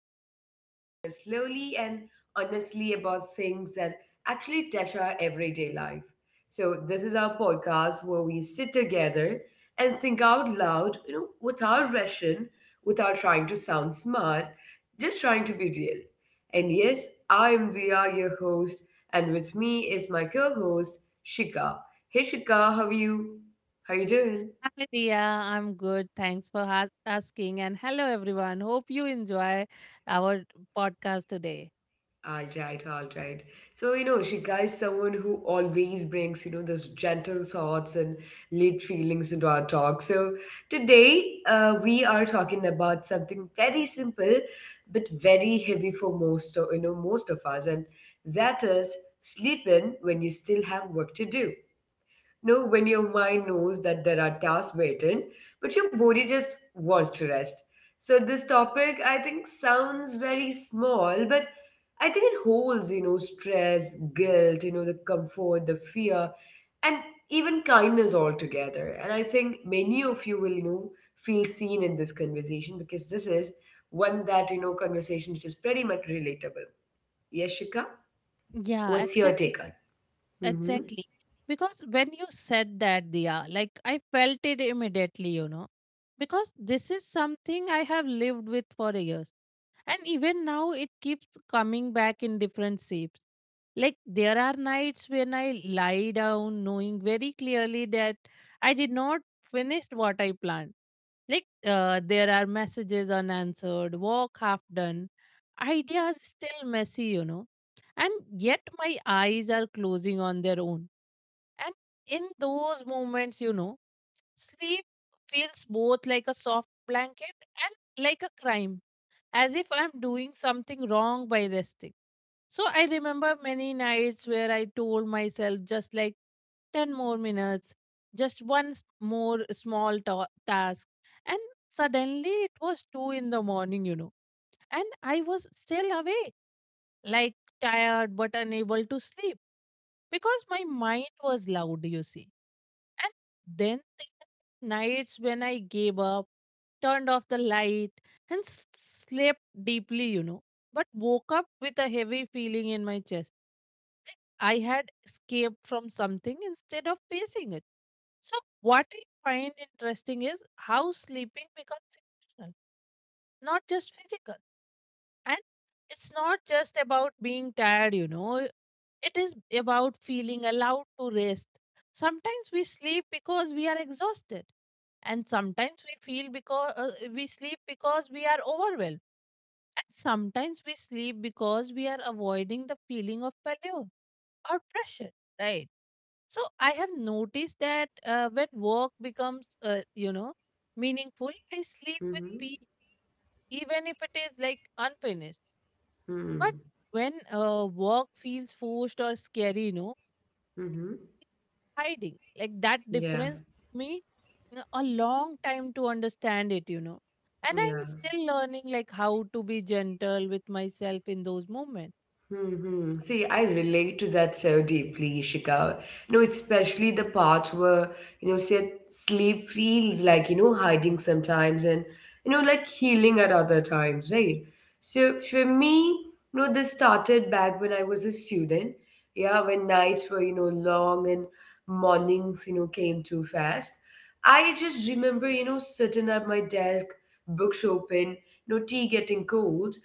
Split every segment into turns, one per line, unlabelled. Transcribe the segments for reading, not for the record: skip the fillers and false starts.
we talk, you know, slowly and honestly about things that actually touch our everyday life. So, this is our podcast where we sit together and think out loud, you know, without rushing, without trying to sound smart, just trying to be real. And yes, I'm Via, your host, and with me is my co host, Shika. Hey Shika, how are you? How you doing?
Hi, Dia. I'm good. Thanks for asking. And hello, everyone. Hope you enjoy our podcast today.
All right, all right. So, you know, Shika is someone who always brings, you know, those gentle thoughts and lit feelings into our talk. So, today we are talking about something very simple but very heavy for most, of, you know, most of us, and that is sleep in when you still have work to do. You know, when your mind knows that there are tasks waiting, but your body just wants to rest. So this topic, I think, sounds very small, but I think it holds, you know, stress, guilt, you know, the comfort, the fear, and even kindness all together. And I think many of you will, you know, feel seen in this conversation because this is one that, you know, conversation which is pretty much relatable. Yes, Shika?
Yeah,
What's your take
exactly.
on? Mm-hmm.
Exactly. Because when you said that, Dia, like I felt it immediately, you know, because this is something I have lived with for years. And even now, it keeps coming back in different shapes. Like there are nights when I lie down knowing very clearly that I did not finish what I planned. Like there are messages unanswered, work half done, ideas still messy, you know, and yet my eyes are closing on their own. And in those moments, you know, sleep feels both like a soft blanket and like a crime, as if I'm doing something wrong by resting. So I remember many nights where I told myself just like 10 more minutes, just more task. And suddenly it was 2 in the morning, you know, and I was still awake, like tired but unable to sleep because my mind was loud, you see. And then the nights when I gave up, turned off the light, and slept deeply, you know, but woke up with a heavy feeling in my chest. I had escaped from something instead of facing it. So, what I find interesting is how sleeping becomes emotional, not just physical. And it's not just about being tired, you know, it is about feeling allowed to rest. Sometimes we sleep because we are exhausted, and sometimes we feel because we sleep because we are overwhelmed, and sometimes we sleep because we are avoiding the feeling of failure or pressure, right? So I have noticed that when work becomes, you know, meaningful, I sleep with
Mm-hmm.
peace, even if it is like unfinished, but when work feels forced or scary, you know,
Mm-hmm.
hiding. Like that
Yeah.
difference took me, you know, a long time to understand it, you know. And I'm
Yeah.
still learning like how to be gentle with myself in those moments.
Hmm. See, I relate to that so deeply, Ishika. You know, especially the parts where, you know, say sleep feels like, you know, hiding sometimes and, you know, like healing at other times, right? So for me, you know, this started back when I was a student. Yeah, when nights were, you know, long and mornings, you know, came too fast. I just remember, you know, sitting at my desk, books open, no tea getting cold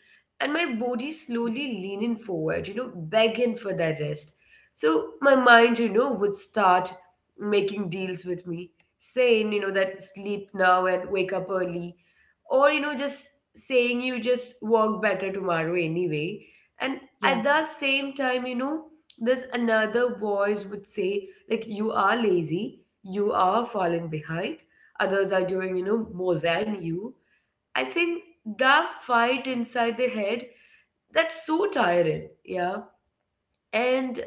and my body slowly leaning forward, you know, begging for that rest. So my mind, you know, would start making deals with me, saying, you know, that sleep now and wake up early, or, you know, just saying you just work better tomorrow anyway. And
Yeah.
at the same time, you know, this another voice would say, like, you are lazy, you are falling behind, others are doing, you know, more than you. I think that fight inside the head that's so tiring. Yeah. And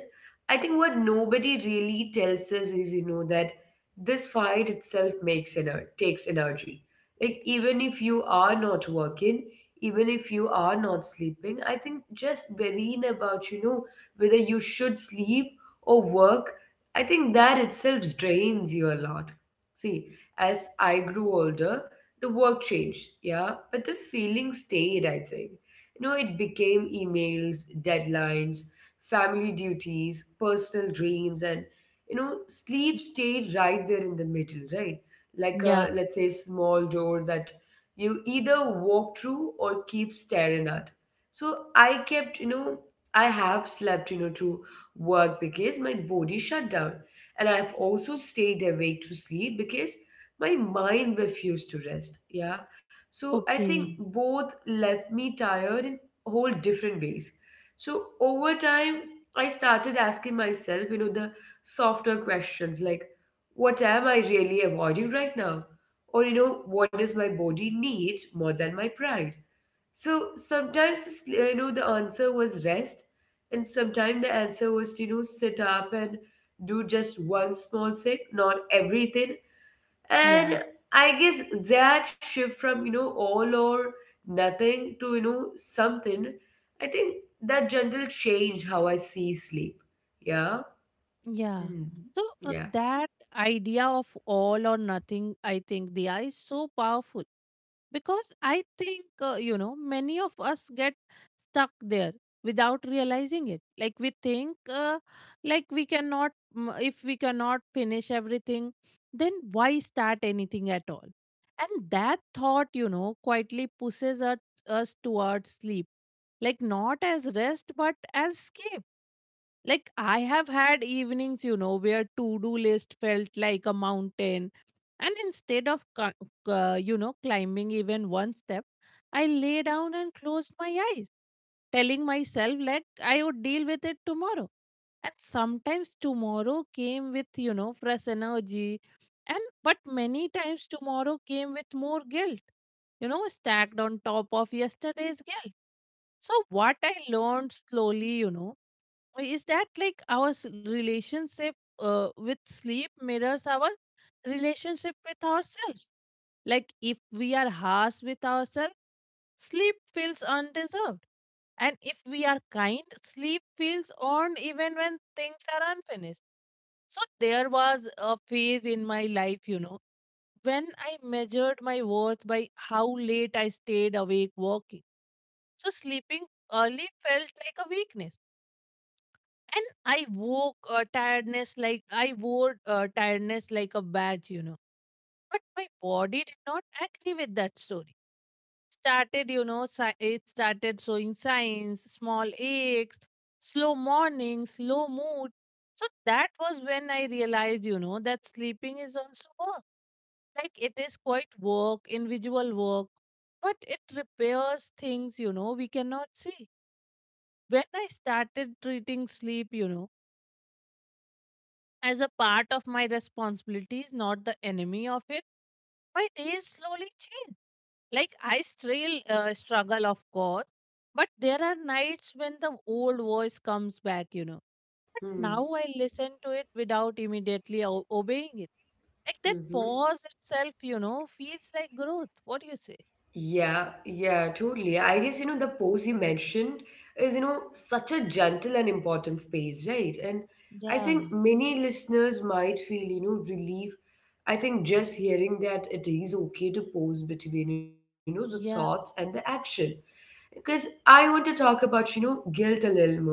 I think what nobody really tells us is, you know, that this fight itself takes energy. Like even if you are not working, even if you are not sleeping, I think just worrying about, you know, whether you should sleep or work, I think that itself drains you a lot. See, as I grew older, the work changed, yeah, but the feeling stayed, I think. You know, it became emails, deadlines, family duties, personal dreams, and you know, sleep stayed right there in the middle, right? Like
Yeah.
a let's say small door that you either walk through or keep staring at. So I kept, you know, I have slept, you know, to work because my body shut down. And I've also stayed awake to sleep because my mind refused to rest. Yeah. So I think
Okay.
both left me tired in whole different ways. So over time, I started asking myself, you know, the softer questions like, what am I really avoiding right now? Or, you know, what does my body need more than my pride? So sometimes, you know, the answer was rest. And sometimes the answer was to, you know, sit up and do just one small thing, not everything and
Yeah.
I guess that shift from, you know, all or nothing to, you know, something, I think that gentle change how I see sleep. Yeah.
Yeah.
Hmm.
So
Yeah.
that idea of all or nothing, I think, Diya, is so powerful because I think, you know, many of us get stuck there without realizing it, like we think uh, like we cannot, if we cannot finish everything, then why start anything at all? And that thought, you know, quietly pushes us towards sleep, like not as rest but as escape. Like I have had evenings, you know, where to do list felt like a mountain, and instead of you know, climbing even one step, I lay down and closed my eyes, telling myself like I would deal with it tomorrow. And sometimes tomorrow came with, you know, fresh energy. And but many times tomorrow came with more guilt, you know, stacked on top of yesterday's guilt. So what I learned slowly, you know, is that like our relationship with sleep mirrors our relationship with ourselves. Like if we are harsh with ourselves, sleep feels undeserved, and if we are kind, sleep feels earned even when things are unfinished. So there was a phase in my life, you know, when I measured my worth by how late I stayed awake working, so sleeping early felt like a weakness, and I wore tiredness like a badge, you know. But my body did not agree with that story, started, you know, it started showing signs: small aches, slow mornings, low mood. So that was when I realized, you know, that sleeping is also work. Like it is quite work, individual work, but it repairs things, you know, we cannot see. When I started treating sleep, you know, as a part of my responsibilities, not the enemy of it, my days slowly change. Like I still struggle, of course, but there are nights when the old voice comes back, you know. But
Hmm.
now I listen to it without immediately obeying it. Like that pause itself, you know, feels like growth. What do you say?
Yeah, yeah, totally. I guess, you know, the pose you mentioned is, you know, such a gentle and important space, right? And I
Yeah,
think many listeners might feel, you know, relief. I think just hearing that it is okay to pose between, you know, the thoughts and
yeah,
the action. Because I want to talk about, you know, guilt a little more.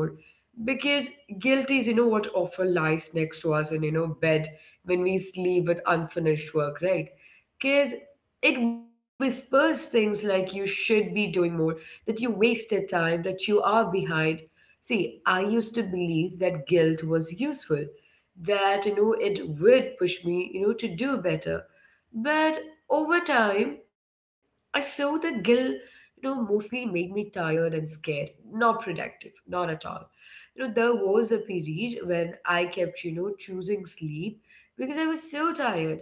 Because guilt is, you know, what often lies next to us in, you know, bed when we sleep with unfinished work, right? Because it whispers things like you should be doing more, that you wasted time, that you are behind. See, I used to believe that guilt was useful, that you know it would push me, you know, to do better. But over time, I saw that guilt, you know, mostly made me tired and scared, not productive, not at all. You know, there was a period when I kept, you know, choosing sleep because I was so tired.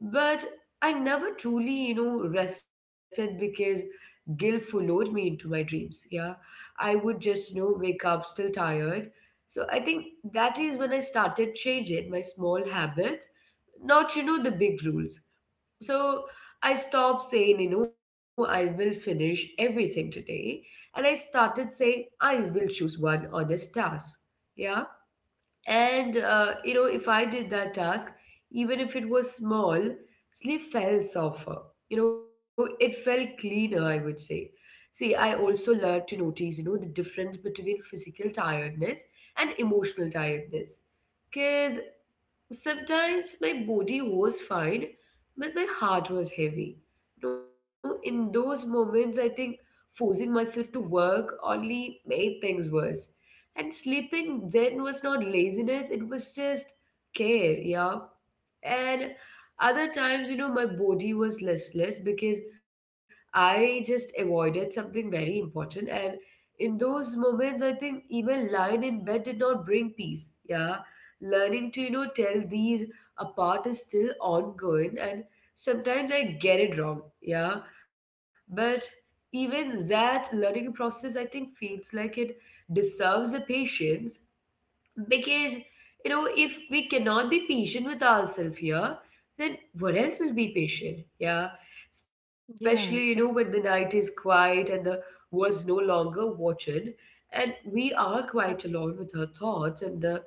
But I never truly, you know, rested because guilt followed me into my dreams. Yeah. I would just, you know, wake up still tired. So I think that is when I started changing my small habits, not, you know, the big rules. So I stopped saying, you know, I will finish everything today. And I started saying, I will choose one honest task. Yeah. And you know, if I did that task, even if it was small, sleep felt softer. You know, it felt cleaner, I would say. See, I also learned to notice, you know, the difference between physical tiredness and emotional tiredness. Because sometimes my body was fine, but my heart was heavy. You know, in those moments, I think forcing myself to work only made things worse. And sleeping then was not laziness, it was just care, yeah. And other times, you know, my body was listless because I just avoided something very important. And in those moments, I think even lying in bed did not bring peace, yeah. Learning to, you know, tell these apart is still ongoing and sometimes I get it wrong, yeah. But even that learning process, I think, feels like it deserves a patience. Because, you know, if we cannot be patient with ourselves here, then what else will be patient, yeah? Especially, you know,
yeah,
when the night is quiet and the was no longer watching, and we are quite alone with our thoughts, and the,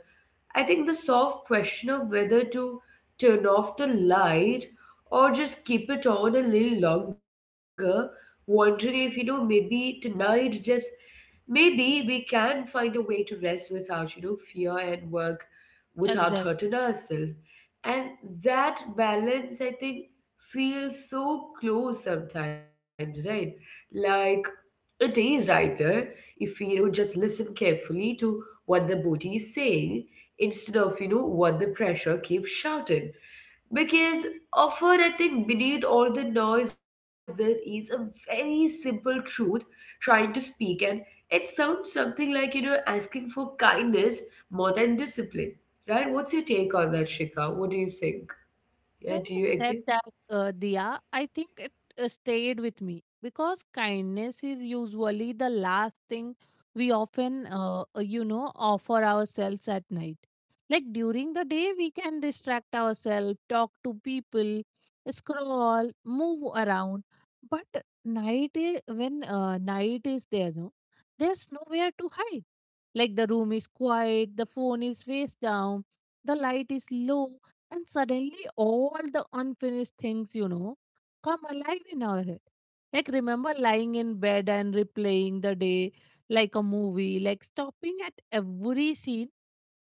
I think, the soft question of whether to turn off the light or just keep it on a little longer, wondering if, you know, maybe tonight just maybe we can find a way to rest without, you know, fear and work without
exactly.
hurting ourselves. And that balance, I think, feels so close sometimes, right? Like it is right there. If we, you know, just listen carefully to what the body is saying instead of, you know, what the pressure keeps shouting. Because often I think beneath all the noise there is a very simple truth trying to speak and it sounds something like, you know, asking for kindness more than discipline. Right? What's your take on that, Shika? What do you think? Yeah,
When
do
you
you
said
agree?
that, Diya, I think it stayed with me because kindness is usually the last thing we often, you know, offer ourselves at night. Like during the day, we can distract ourselves, talk to people, scroll, move around. But night, when night is there, no, there's nowhere to hide. Like the room is quiet, the phone is face down, the light is low, and suddenly all the unfinished things, you know, come alive in our head. Like, remember lying in bed and replaying the day like a movie, like stopping at every scene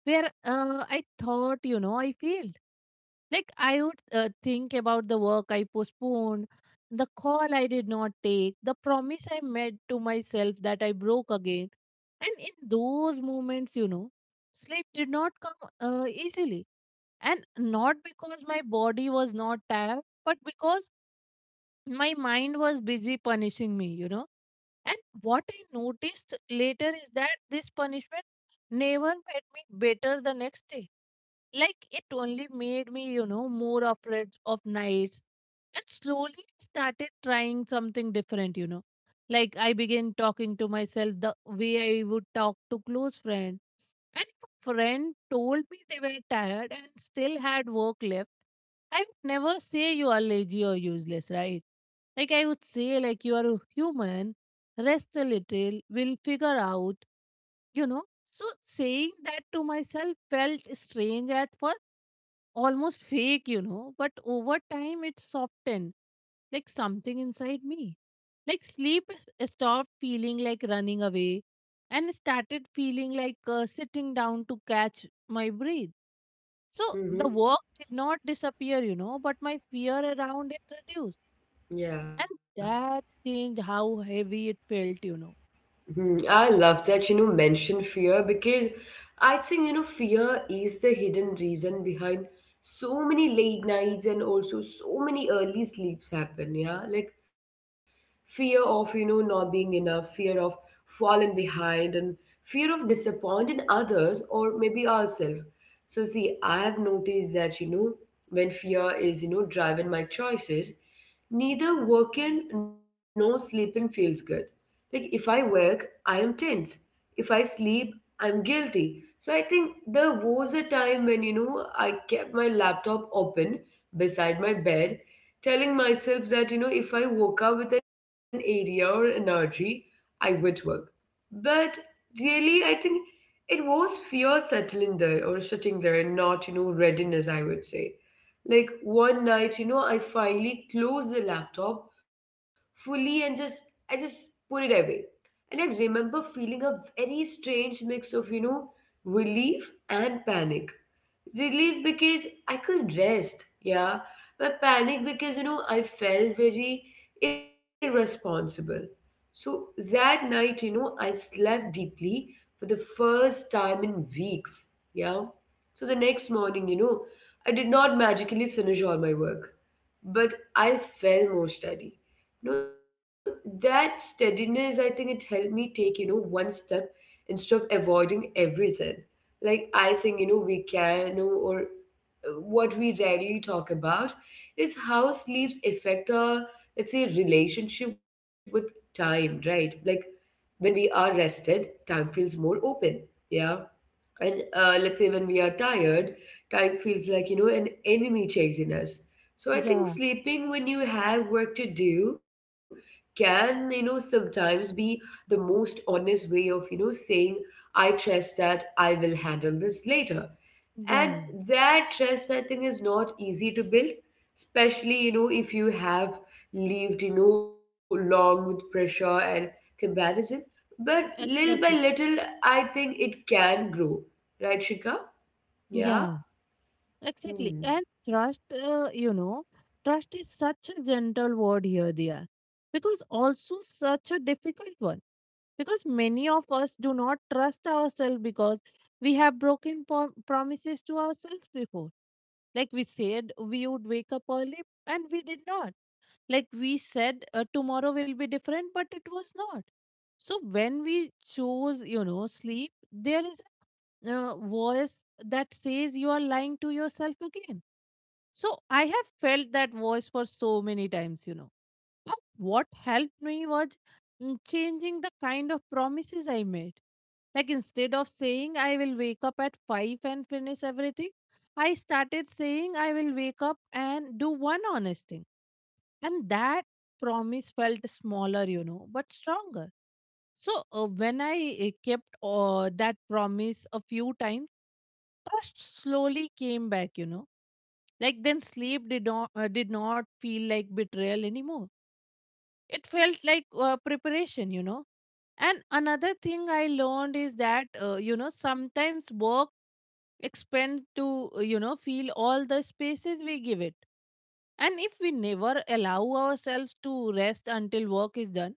where I thought, you know, I failed. Like, I would think about the work I postponed, the call I did not take, the promise I made to myself that I broke again. And in those moments, you know, sleep did not come easily. And not because my body was not tired, but because my mind was busy punishing me, you know. And what I noticed later is that this punishment never made me better the next day. Like it only made me, you know, more afraid of nights, and slowly started trying something different, you know. Like I began talking to myself the way I would talk to close friend. And if a friend told me they were tired and still had work left, I would never say you are lazy or useless, right? Like I would say like you are human, rest a little, we'll figure out, you know. So saying that to myself felt strange at first, almost fake, you know, but over time it softened like something inside me. Like sleep stopped feeling like running away and started feeling like sitting down to catch my breath. So the
Mm-hmm.
work did not disappear, you know, but my fear around it reduced.
Yeah.
And that changed how heavy it felt, you know.
Hmm, I love that you know mention fear because I think you know fear is the hidden reason behind so many late nights and also so many early sleeps happen. Yeah, like fear of you know not being enough, fear of falling behind, and fear of disappointing others or maybe ourselves. So see, I have noticed that you know when fear is you know driving my choices, neither working nor sleeping feels good like if I work, I am tense. If I sleep, I'm guilty. So I think there was a time when, you know, I kept my laptop open beside my bed, telling myself that, you know, if I woke up with an area or energy, I would work. But really, I think it was fear settling there or sitting there and not, you know, readiness, I would say. Like one night, you know, I finally closed the laptop fully and just put it away and I remember feeling a very strange mix of, you know, relief and panic, relief because I could rest, yeah, but panic because you know I felt very irresponsible. So that night, you know, I slept deeply for the first time in weeks, yeah. So the next morning, you know, I did not magically finish all my work, but I felt more steady. No, that steadiness, I think it helped me take, you know, one step instead of avoiding everything. Like I think you know we can you know, or what we rarely talk about is how sleeps affect our, let's say, relationship with time, right? Like when we are rested time feels more open, yeah. And let's say when we are tired time feels like, you know, an enemy chasing us. So I think
Yeah,
sleeping when you have work to do can, you know, sometimes be the most honest way of, you know, saying I trust that I will handle this later. And
Yeah,
that trust, I think, is not easy to build, especially, you know, if you have lived, you know, long with pressure and comparison, but little by
exactly.
little, I think it can grow. Right, Shika? Yeah.
Yeah. Exactly.
Hmm.
And trust, you know, trust is such a gentle word here, Dia, because also such a difficult one. Because many of us do not trust ourselves because we have broken promises to ourselves before. Like we said, we would wake up early and we did not. Like we said, tomorrow will be different, but it was not. So when we choose, you know, sleep, there is a voice that says you are lying to yourself again. So I have felt that voice for so many times, you know. But what helped me was, changing the kind of promises I made. Like instead of saying I will wake up at 5 and finish everything, I started saying I will wake up and do one honest thing. And that promise felt smaller, you know, but stronger. So when I kept that promise a few times, trust slowly came back, you know. Like then sleep did not did not feel like betrayal anymore. It felt like preparation, you know. And another thing I learned is that you know, sometimes work expand to, you know, feel all the spaces we give it. And if we never allow ourselves to rest until work is done,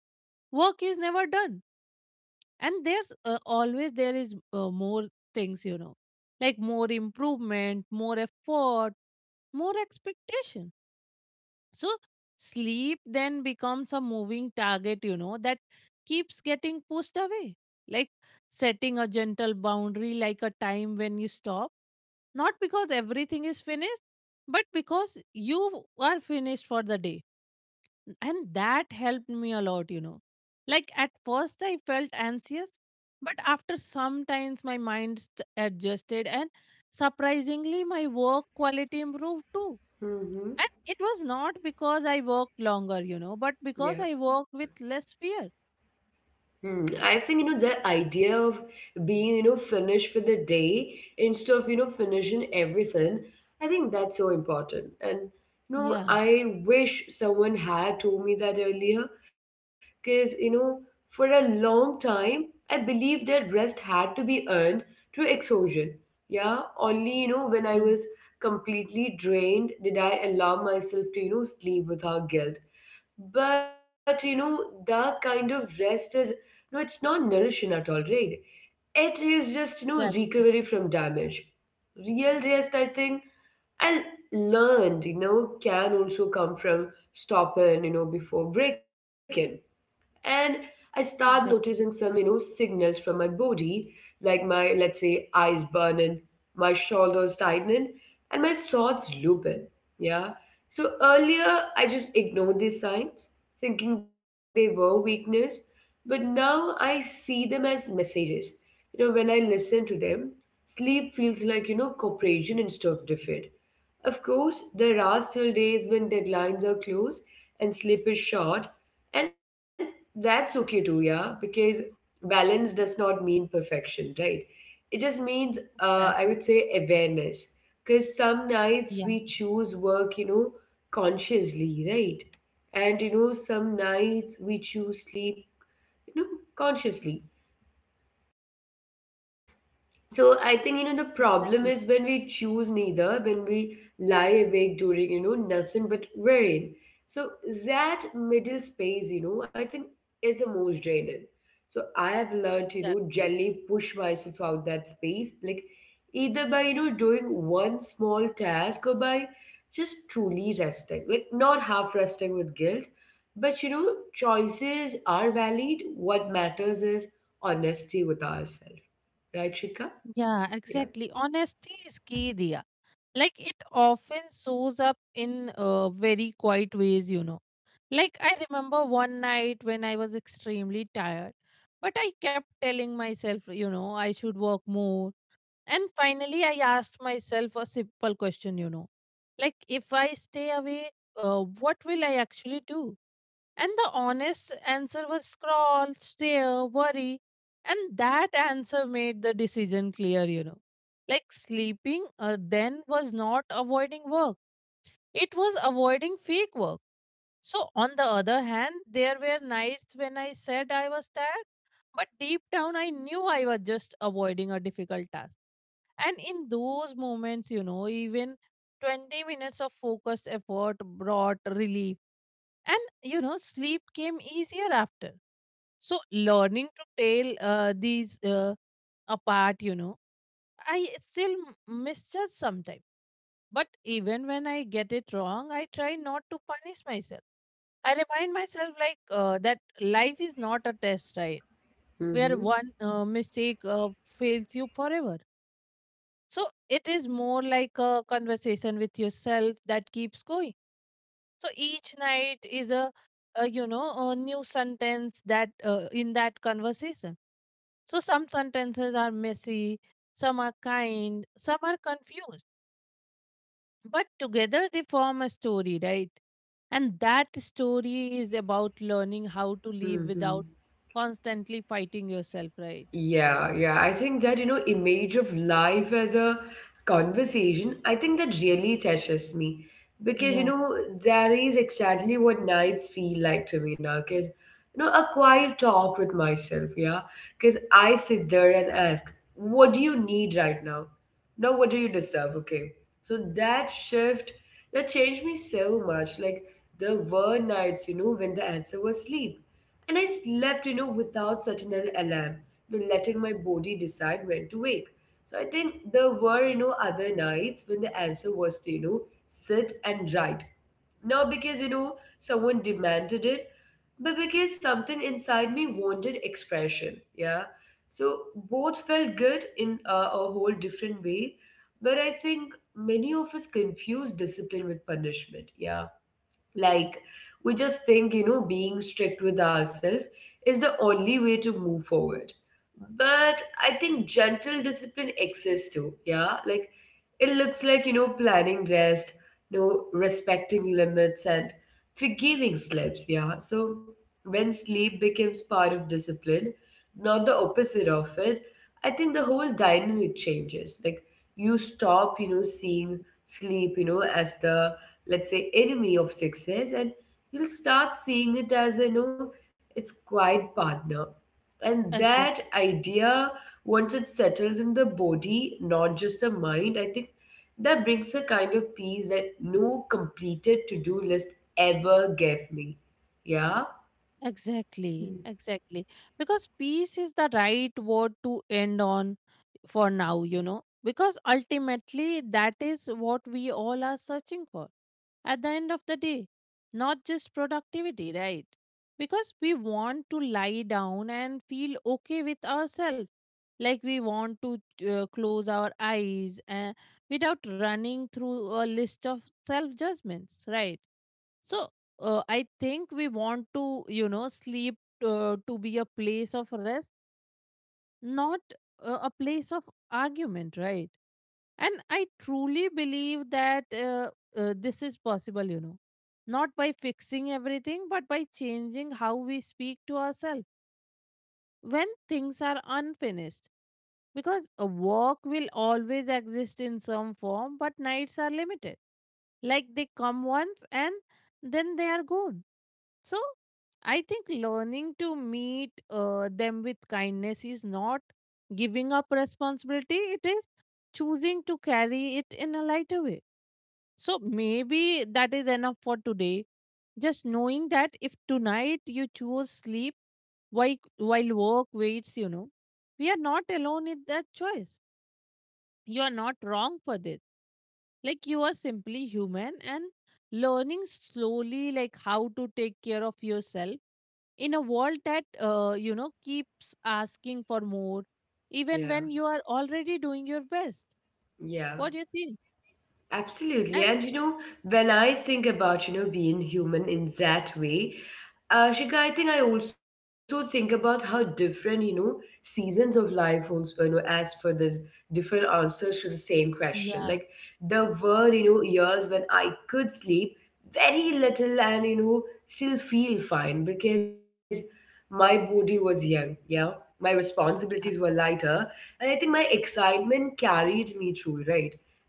work is never done. And there's always there is more things, you know, like more improvement, more effort, more expectation. So sleep then becomes a moving target, you know, that keeps getting pushed away. Like setting a gentle boundary, like a time when you stop, not because everything is finished, but because you are finished for the day. And that helped me a lot, you know. Like at first, I felt anxious, but after some times, my mind adjusted, and surprisingly, my work quality improved too,
Mm-hmm.
and it was not because I worked longer, you know, but because
Yeah.
I worked with less fear.
I think the idea of being finished for the day instead of finishing everything. I think that's so important, and
Yeah,
I wish someone had told me that earlier, because for a long time I believed that rest had to be earned through exhaustion. Yeah, only when I
yeah,
was completely drained did I allow myself to sleep without guilt. But that kind of rest is no, it's not nourishing at all, right? It is just
exactly,
recovery from damage. Real rest, I think, and learned, can also come from stopping, before breaking. And I start noticing
exactly,
some signals from my body, like, my let's say, eyes burning, my shoulders tightening, and my thoughts looping. Yeah. So earlier I just ignored these signs, thinking they were weakness, but now I see them as messages, when I listen to them, sleep feels like cooperation instead of defeat. Of course, there are still days when deadlines are close and sleep is short, and that's okay too, yeah, because balance does not mean perfection, right? It just means, I
exactly.
would say, awareness. Because some nights
Yeah,
we choose work, consciously, right? And, some nights we choose sleep, you know, consciously. So I think, the problem
exactly,
is when we choose neither, when we lie awake during, nothing but worrying. So that middle space, I think, is the most draining. So I have learned to,
exactly.
generally push myself out that space, like either by, doing one small task or by just truly resting, like not half resting with guilt. But, choices are valid. What matters is honesty with ourselves. Right, Shika?
Yeah,
Yeah.
exactly. Honesty is key, Dia. Like it often shows up in very quiet ways, you know. Like I remember one night when I was extremely tired, but I kept telling myself, you know, I should work more. And finally, I asked myself a simple question, you know, like if I stay away, what will I actually do? And the honest answer was scroll, stare, worry. And that answer made the decision clear, you know. Like sleeping then was not avoiding work, it was avoiding fake work. So, on the other hand, there were nights when I said I was tired, but deep down I knew I was just avoiding a difficult task, and in those moments, you know, even 20 minutes of focused effort brought relief. And, you know, sleep came easier after. So, learning to tell these apart, you know, I still misjudge sometimes. But even when I get it wrong, I try not to punish myself. I remind myself, that life is not a test, right? Where
Mm-hmm.
one mistake fails you forever. So it is more like a conversation with yourself that keeps going. So each night is a new sentence that in that conversation. So some sentences are messy, some are kind, some are confused, but together they form a story, right? And that story is about learning how to live
Mm-hmm.
without constantly fighting yourself, right?
Yeah, yeah. I think that, image of life as a conversation, I think that really touches me because,
Yeah,
that is exactly what nights feel like to me now. Because, a quiet talk with myself, yeah. Because I sit there and ask, what do you need right now? Now, what do you deserve? Okay. So that shift, that changed me so much. Like, there were nights, when the answer was sleep. And I slept, without such an alarm, to letting my body decide when to wake. So I think there were, other nights when the answer was to, sit and write. Not because, someone demanded it, but because something inside me wanted expression. Yeah. So both felt good in a whole different way. But I think many of us confuse discipline with punishment. Yeah. Like, we just think, being strict with ourselves is the only way to move forward. But I think gentle discipline exists too, yeah? Like, it looks like, planning rest, respecting limits and forgiving slips, yeah? So, when sleep becomes part of discipline, not the opposite of it, I think the whole dynamic changes. Like, you stop, seeing sleep, as the, let's say, enemy of success, and you'll start seeing it as its quiet partner. And that
exactly.
idea, once it settles in the body, not just the mind, I think that brings a kind of peace that no completed to do list ever gave me. Yeah. Hmm.
Exactly, exactly. Because peace is the right word to end on for now, because ultimately that is what we all are searching for at the end of the day, not just productivity, right? Because we want to lie down and feel okay with ourselves, like we want to close our eyes without running through a list of self judgments, right? So I think we want to sleep to be a place of rest, not a place of argument, right? And I truly believe that this is possible, not by fixing everything, but by changing how we speak to ourselves when things are unfinished. Because a work will always exist in some form, but nights are limited. Like they come once and then they are gone. So I think learning to meet them with kindness is not giving up responsibility, it is choosing to carry it in a lighter way. So maybe that is enough for today. Just knowing that if tonight you choose sleep while work waits, we are not alone in that choice. You are not wrong for this. Like you are simply human and learning slowly like how to take care of yourself in a world that keeps asking for more even
Yeah.
when you are already doing your best.
Yeah.
What do you think?
Absolutely.
And
And when I think about, being human in that way, Shika, I think I also think about how different, seasons of life also, as for this, different answers to the same question. Like
yeah,
there were, years when I could sleep very little and, still feel fine because my body was young, yeah. My responsibilities were
yeah,
lighter, and I think my excitement carried me through, right?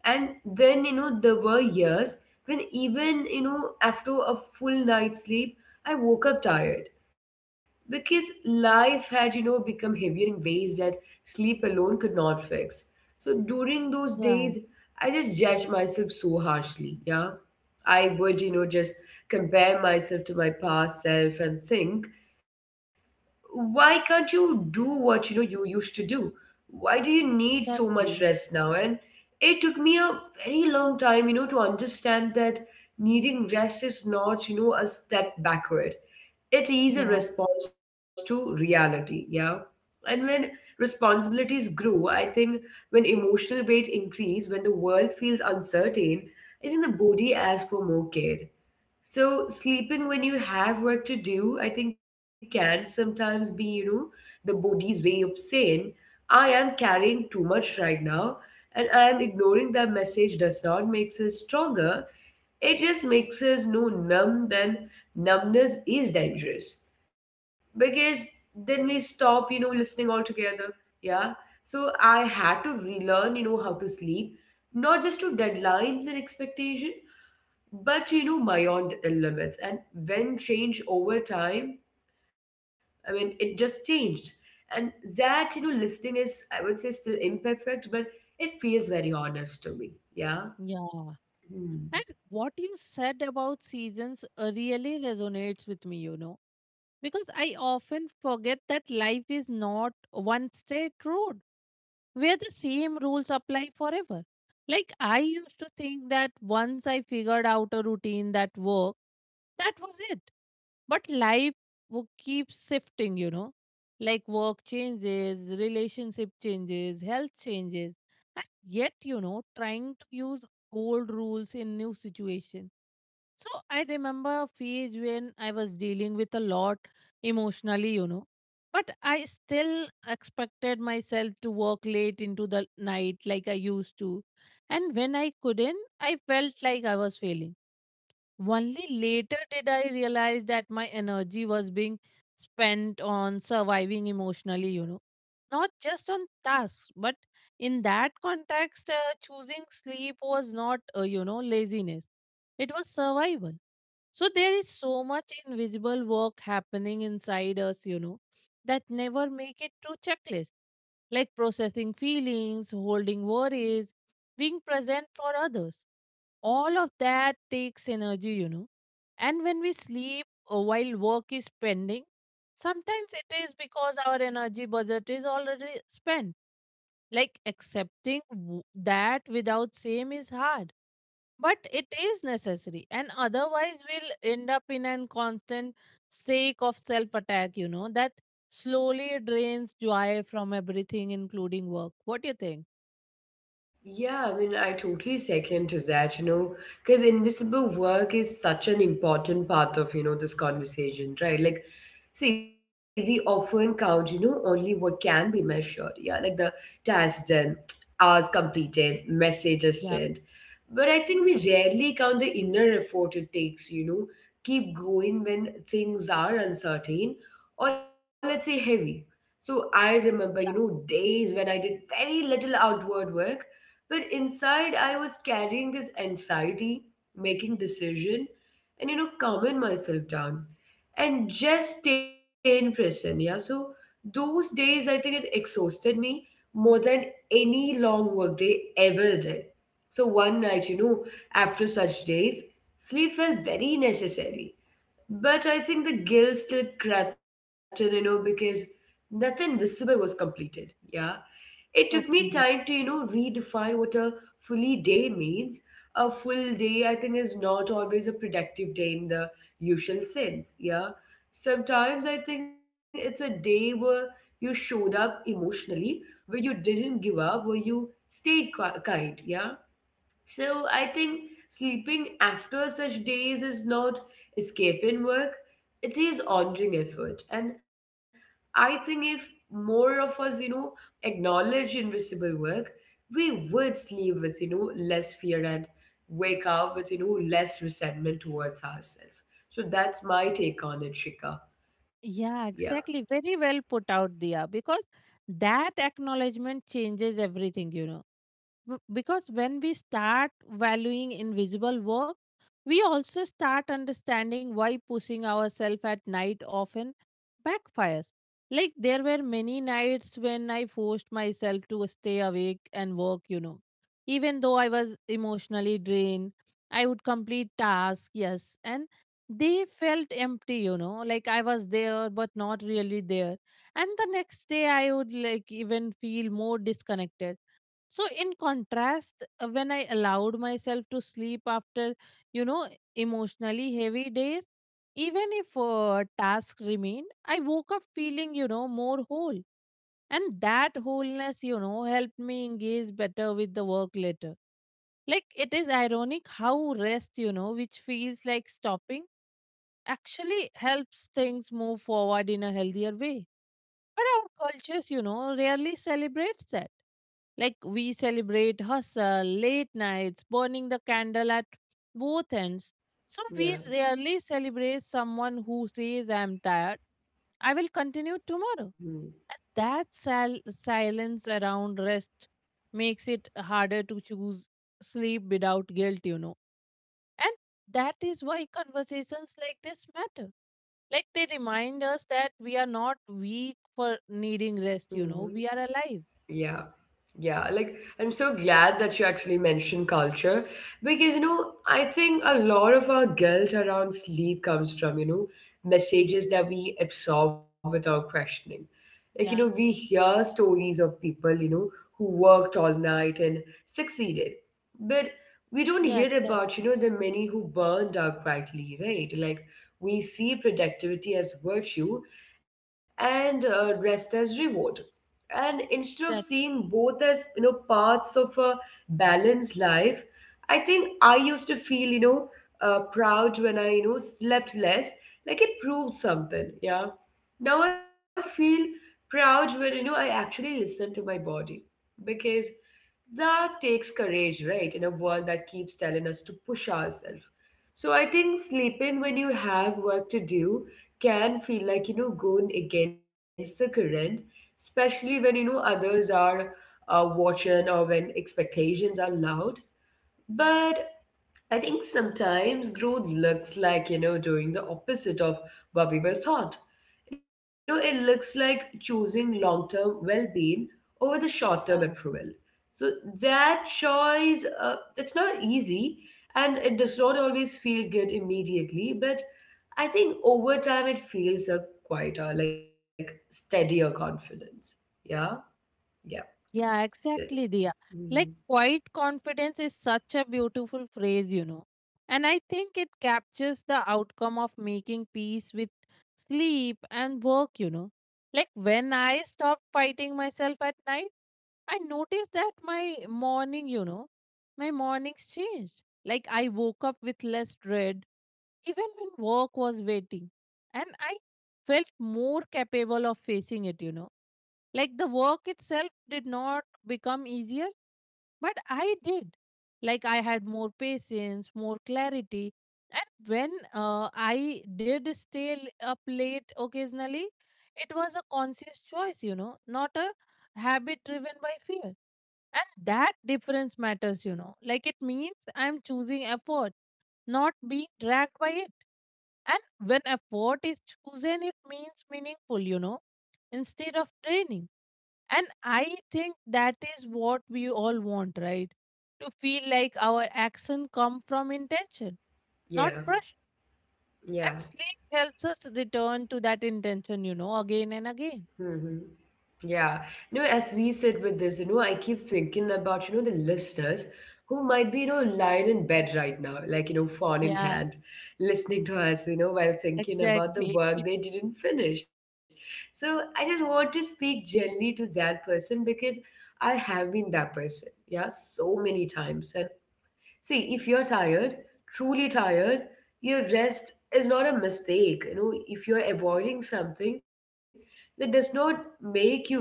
And then there were years when even after a full night's sleep I woke up tired, because life had become heavier in ways that sleep alone could not fix. So during those
yeah,
days, I just judged myself so harshly, yeah. I would just compare myself to my past self and think, why can't you do what you used to do, why do you need so much
exactly.
rest now? And it took me a very long time to understand that needing rest is not a step backward, it is a
Yeah,
response to reality. Yeah. And when responsibilities grow, I think, when emotional weight increase, when the world feels uncertain, I think the body asks for more care. So sleeping when you have work to do, I think, can sometimes be, the body's way of saying, I am carrying too much right now, and I am ignoring that message does not make us stronger. It just makes us know numb, and numbness is dangerous. Because then we stop, listening altogether. Yeah. So I had to relearn, how to sleep, not just to deadlines and expectation, but beyond the limits, and when change over time, I mean, it just changed. And that listening is, I would say, still imperfect, but it feels very honest to me. Yeah.
yeah,
Hmm.
and what you said about seasons really resonates with me, you know, because I often forget that life is not one straight road where the same rules apply forever. Like, I used to think that once I figured out a routine that worked, that was it. But life keeps shifting, you know. Like work changes, relationship changes, health changes. And yet, you know, trying to use old rules in new situation. So I remember a phase when I was dealing with a lot emotionally, you know. But I still expected myself to work late into the night like I used to. And when I couldn't, I felt like I was failing. Only later did I realize that my energy was being spent on surviving emotionally, you know, not just on tasks. But in that context, choosing sleep was not, laziness, it was survival. So there is so much invisible work happening inside us, you know, that never make it to checklist like processing feelings, holding worries, being present for others. All of that takes energy, you know. And when we sleep while work is pending, sometimes it is because our energy budget is already spent. Like accepting that without same is hard, but it is necessary, and otherwise we'll end up in a constant state of self attack. You know that slowly drains joy from everything, including work. What do you think?
Yeah, I mean, I totally second to that, because invisible work is such an important part of, this conversation, right? Like, see, we often count, only what can be measured. Yeah, like the task done, hours completed, messages
Yeah.
sent. But I think we rarely count the inner effort it takes, keep going when things are uncertain or, let's say, heavy. So I remember, days when I did very little outward work, but inside, I was carrying this anxiety, making decision, and calming myself down, and just staying present. Yeah. So those days, I think it exhausted me more than any long workday ever did. So one night, after such days, sleep felt very necessary. But I think the guilt still crept in, because nothing visible was completed. Yeah. It took me time
Okay.
to, redefine what a fully day means. A full day, I think, is not always a productive day in the usual sense. Yeah. Sometimes I think it's a day where you showed up emotionally, where you didn't give up, where you stayed kind. Yeah. So I think sleeping after such days is not escaping work, it is honoring effort. And I think if more of us, acknowledge invisible work, we would sleep with, less fear and wake up with, less resentment towards ourselves. So that's my take on it, Shika. Yeah.
Yeah, exactly. Very well put out, Dia, because that acknowledgement changes everything, you know. Because when we start valuing invisible work, we also start understanding why pushing ourselves at night often backfires. Like, there were many nights when I forced myself to stay awake and work, you know. Even though I was emotionally drained, I would complete tasks, yes, and they felt empty, you know, like I was there but not really there. And the next day, I would like even feel more disconnected. So, in contrast, when I allowed myself to sleep after, you know, emotionally heavy days, even if tasks remained, I woke up feeling, you know, more whole. And that wholeness, you know, helped me engage better with the work later. Like, it is ironic how rest, you know, which feels like stopping, actually helps things move forward in a healthier way. But our cultures, you know, rarely celebrates that like we celebrate hustle, late nights, burning the candle at both ends. So we
Yeah.
rarely celebrate someone who says, I'm tired, I will continue tomorrow. And that silence around rest makes it harder to choose sleep without guilt, you know. And that is why conversations like this matter like they remind us that we are not weak for needing rest, you know,
Mm-hmm.
we are alive.
Yeah. Yeah, like I'm so glad that you actually mentioned culture, because I think a lot of our guilt around sleep comes from, messages that we absorb without questioning. Like,
Yeah,
we hear stories of people, who worked all night and succeeded. But we don't
yeah,
hear about, the many who burned out quietly, right? Like, we see productivity as virtue and rest as reward, and instead of
exactly.
seeing both as parts of a balanced life, I think I used to feel proud when I slept less, like it proved something. Yeah. Now I feel proud when I actually listen to my body, because that takes courage, right, in a world that keeps telling us to push ourselves. So I think sleeping when you have work to do can feel like going against the current, especially when others are watching or when expectations are loud. But I think sometimes growth looks like doing the opposite of what we were taught. You know it looks like choosing long-term well-being over the short-term
Yeah,
approval. So that choice, it's not easy, and it does not always feel good immediately, but I think over time it feels a quieter, like steadier, confidence. Yeah. Yeah.
yeah,
So,
exactly, Dia.
mm,
Like quiet confidence is such a beautiful phrase, you know. And I think it captures the outcome of making peace with sleep and work, you know. Like when I stopped fighting myself at night, I noticed that my morning, you know, my mornings changed. Like I woke up with less dread, even when work was waiting. And I felt more capable of facing it, you know. Like the work itself did not become easier, but I did. Like I had more patience, more clarity. And when I did stay up late occasionally, it was a conscious choice, you know, not a habit driven by fear. And that difference matters, you know. Like it means I'm choosing effort, not being dragged by it. And when effort is chosen, it means meaningful, you know, instead of draining. And I think that is what we all want, right? To feel like our action come from intention, not
yeah.
pressure. And
Yeah.
sleep helps us return to that intention, you know, again and again.
Hmm. Yeah. As we said with this, I keep thinking about, the listeners who might be, lying in bed right now, like, phone in
Yeah,
hand, listening to us, while thinking about the
exactly.
work they didn't finish. So I just want to speak gently to that person, because I have been that person, yeah, so many times. And see, if you're tired, truly tired, your rest is not a mistake. If you're avoiding something, that does not make you bad,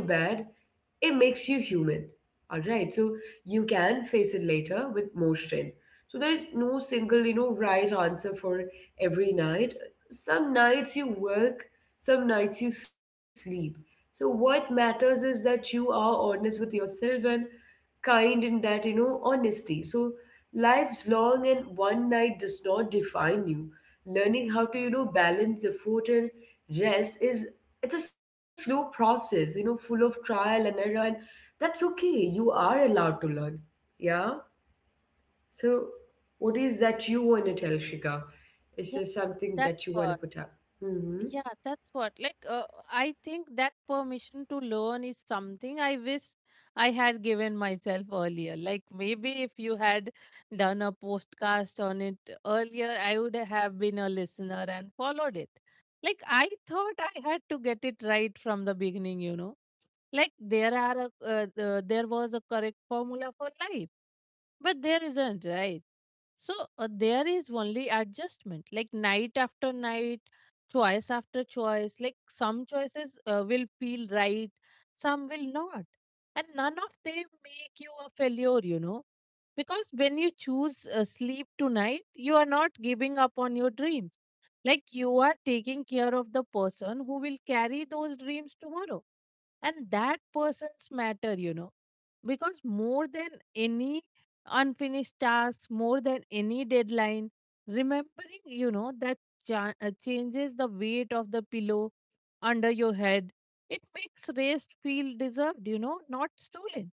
it makes you human. All right, so you can face it later with more strength. So there is no single, right answer for every night. Some nights you work, some nights you sleep. So what matters is that you are honest with yourself and kind in that, honesty. So life's long and one night does not define you. Learning how to, balance effort and rest is it's a slow process, full of trial and error, and that's okay. You are allowed to learn. Yeah. So what is that you want to tell Shika? Is
Yeah,
there something
that's
that you want to
why.
put up? Mm-hmm.
Yeah, that's what. I think that permission to learn is something I wish I had given myself earlier. Like, maybe if you had done a podcast on it earlier, I would have been a listener and followed it. Like, I thought I had to get it right from the beginning, you know. Like there are there was a correct formula for life, but there isn't, right? So there is only adjustment, like night after night, choice after choice. Like some choices will feel right, some will not, and none of them make you a failure, you know. Because when you choose sleep tonight, you are not giving up on your dreams like you are taking care of the person who will carry those dreams tomorrow. And that person's matter, you know, because more than any unfinished task, more than any deadline, remembering, you know, that changes the weight of the pillow under your head. It makes rest feel deserved, you know, not stolen.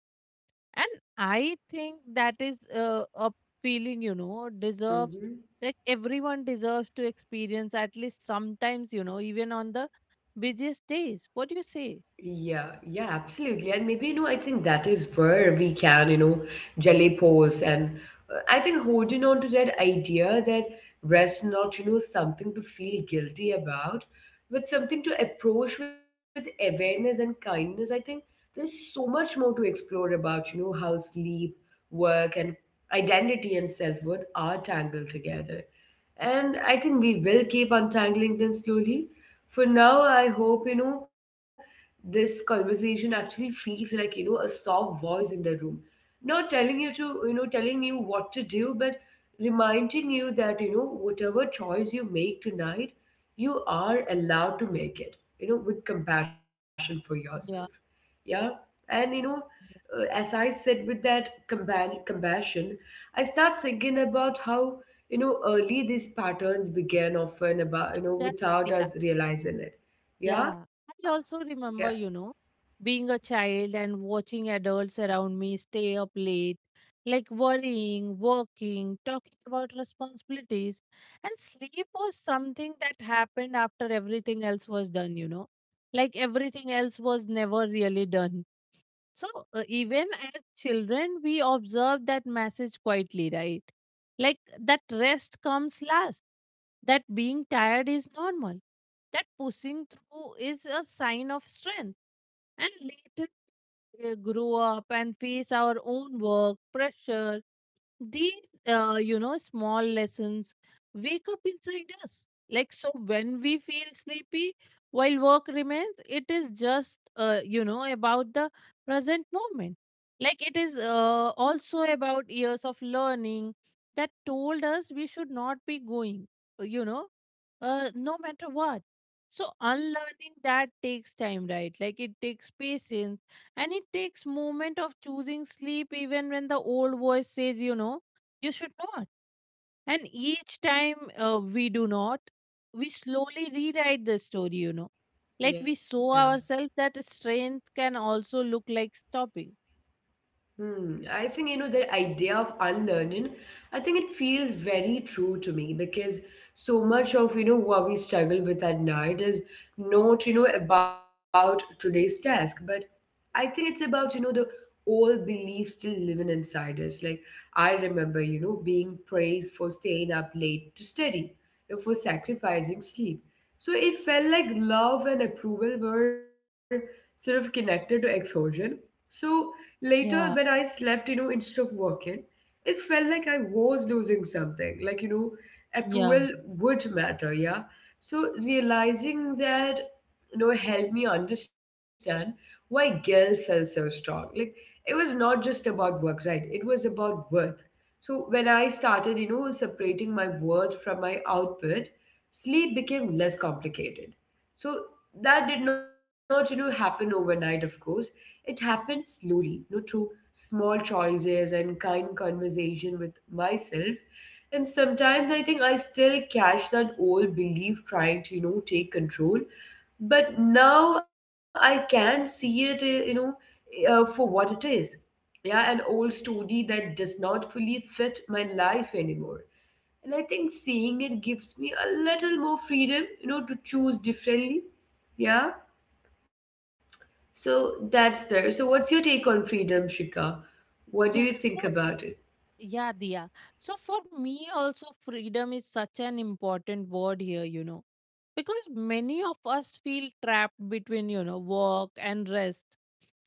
And I think that is a feeling, you know, deserves,
Mm-hmm.
like everyone deserves to experience at least sometimes, you know, even on the busiest days. What do you say?
Yeah, yeah, absolutely. And maybe, I think that is where we can, jelly pose. And I think holding on to that idea that rest not, something to feel guilty about, but something to approach with awareness and kindness. I think there is so much more to explore about, how sleep, work, and identity and self-worth are tangled together. And I think we will keep untangling them slowly. For now, I hope, this conversation actually feels like a soft voice in the room, not telling you what to do, but reminding you that whatever choice you make tonight, you are allowed to make it with compassion for yourself.
Yeah,
Yeah. And, as I said, with that compassion, I start thinking about how, early these patterns began, often about,
that,
without
yeah.
us realizing it. Yeah.
Yeah, I also
Yeah.
remember, you know, being a child and watching adults around me stay up late, like worrying, working, talking about responsibilities. And sleep was something that happened after everything else was done, you know. Like everything else was never really done. So, even as children, we observe that message quietly, right? Like that rest comes last, that being tired is normal, that pushing through is a sign of strength. And later, grow up and face our own work, pressure, these small lessons wake up inside us like so when we feel sleepy while work remains it is just about the present moment like it is also about years of learning that told us we should not be going uh, you know no matter what. So unlearning that takes time, right? Like it takes patience and it takes moment of choosing sleep even when the old voice says, you know, you should not. And each time we do not, we slowly rewrite the story, you know. Like we
Yeah.
show ourselves that strength can also look like stopping.
Hmm. I think, the idea of unlearning, I think it feels very true to me because so much of, what we struggle with at night is not, about today's task, but I think it's about, the old beliefs still living inside us. Like, I remember, being praised for staying up late to study, for sacrificing sleep. So it felt like love and approval were sort of connected to exhaustion. So later, when
Yeah,
I slept, instead of working, it felt like I was losing something. Like,
yeah.
approval would matter, yeah. So realizing that, helped me understand why guilt felt so strong. Like, it was not just about work, right? It was about worth. So when I started, separating my worth from my output, sleep became less complicated. So that did not, happen overnight, of course. It happened slowly, through small choices and kind conversation with myself. And sometimes I think I still catch that old belief trying to, take control, but now I can see it for what it is. Yeah, an old story that does not fully fit my life anymore. And I think seeing it gives me a little more freedom to choose differently. Yeah. So that's there. So what's your take on freedom, Shika? What do you think
Yeah, so
about it?
yeah, Dia. So for me also freedom is such an important word here, you know, because many of us feel trapped between you know work and rest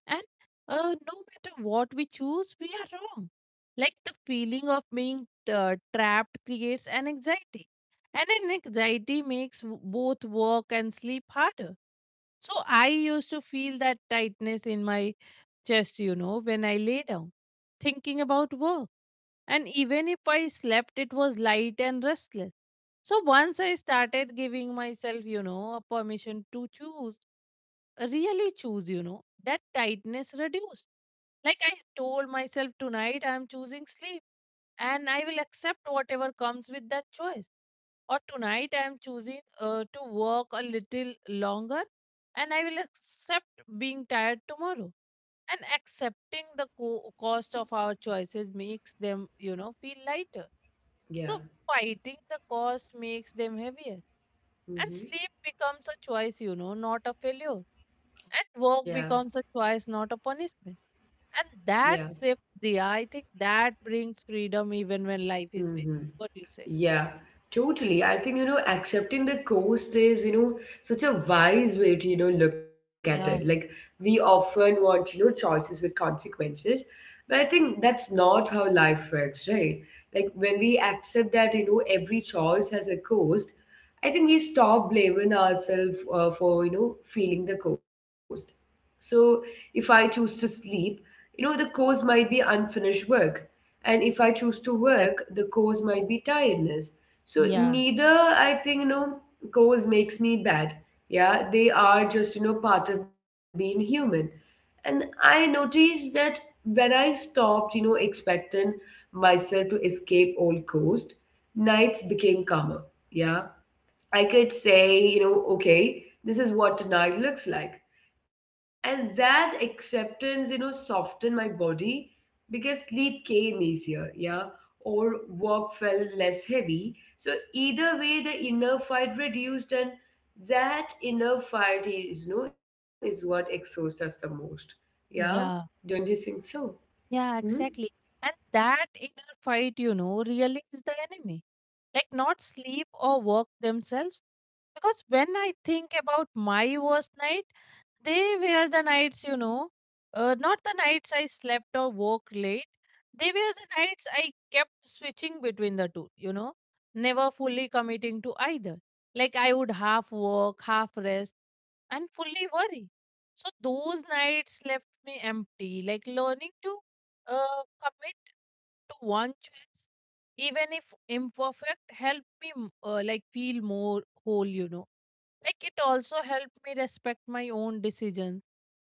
and no matter what we choose we are wrong like the feeling of being trapped creates an anxiety and an anxiety makes both work and sleep harder. So I used to feel that tightness in my chest, you know, when I lay down thinking about work, and even if I slept, it was light and restless. So once I started giving myself, you know, a permission to choose, really choose, you know, that tightness reduced. Like I told myself tonight, I am choosing sleep and I will accept whatever comes with that choice. Or tonight, I am choosing to work a little longer and I will accept being tired tomorrow. And accepting the cost of our choices makes them feel lighter.
Yeah.
So fighting the cost makes them heavier, and
Hmm.
sleep becomes a choice, not a failure,
Yeah.
and work becomes a choice not a punishment. And
Yeah.
that shift, the I think that brings freedom even when life is
Hmm.
busy. What do you say?
Yeah, totally. I think, accepting the cost is, such a wise way to, look at it. Like,
Yeah,
we often want, choices with consequences, but I think that's not how life works, right? Like, when we accept that, every choice has a cost, I think we stop blaming ourselves for, feeling the cost. So, if I choose to sleep, the cost might be unfinished work. And if I choose to work,
that,
the cause might be tiredness. So
yeah,
neither, I think, cause makes me bad. Yeah, they are just, part of being human. And I noticed that when I stopped, expecting myself to escape all cost, nights became calmer. Yeah. I could say, okay, this is what tonight looks like. And that acceptance, softened my body because sleep came easier, yeah, or work felt less heavy. So either way, the inner fight reduced, and that inner fight is what exhausts us the most. Yeah,
yeah.
don't you think so?
Yeah,
Hmm?
exactly. And that inner fight, really is the enemy. Like, not sleep or work themselves. Because when I think about my worst night, they were the nights, not the nights I slept or woke late. They were the nights I kept switching between the two, never fully committing to either. Like I would half work, half rest, and fully worry. So those nights left me empty. Like learning to commit to one choice, even if imperfect, helped me like feel more whole, Like it also helped me respect my own decisions,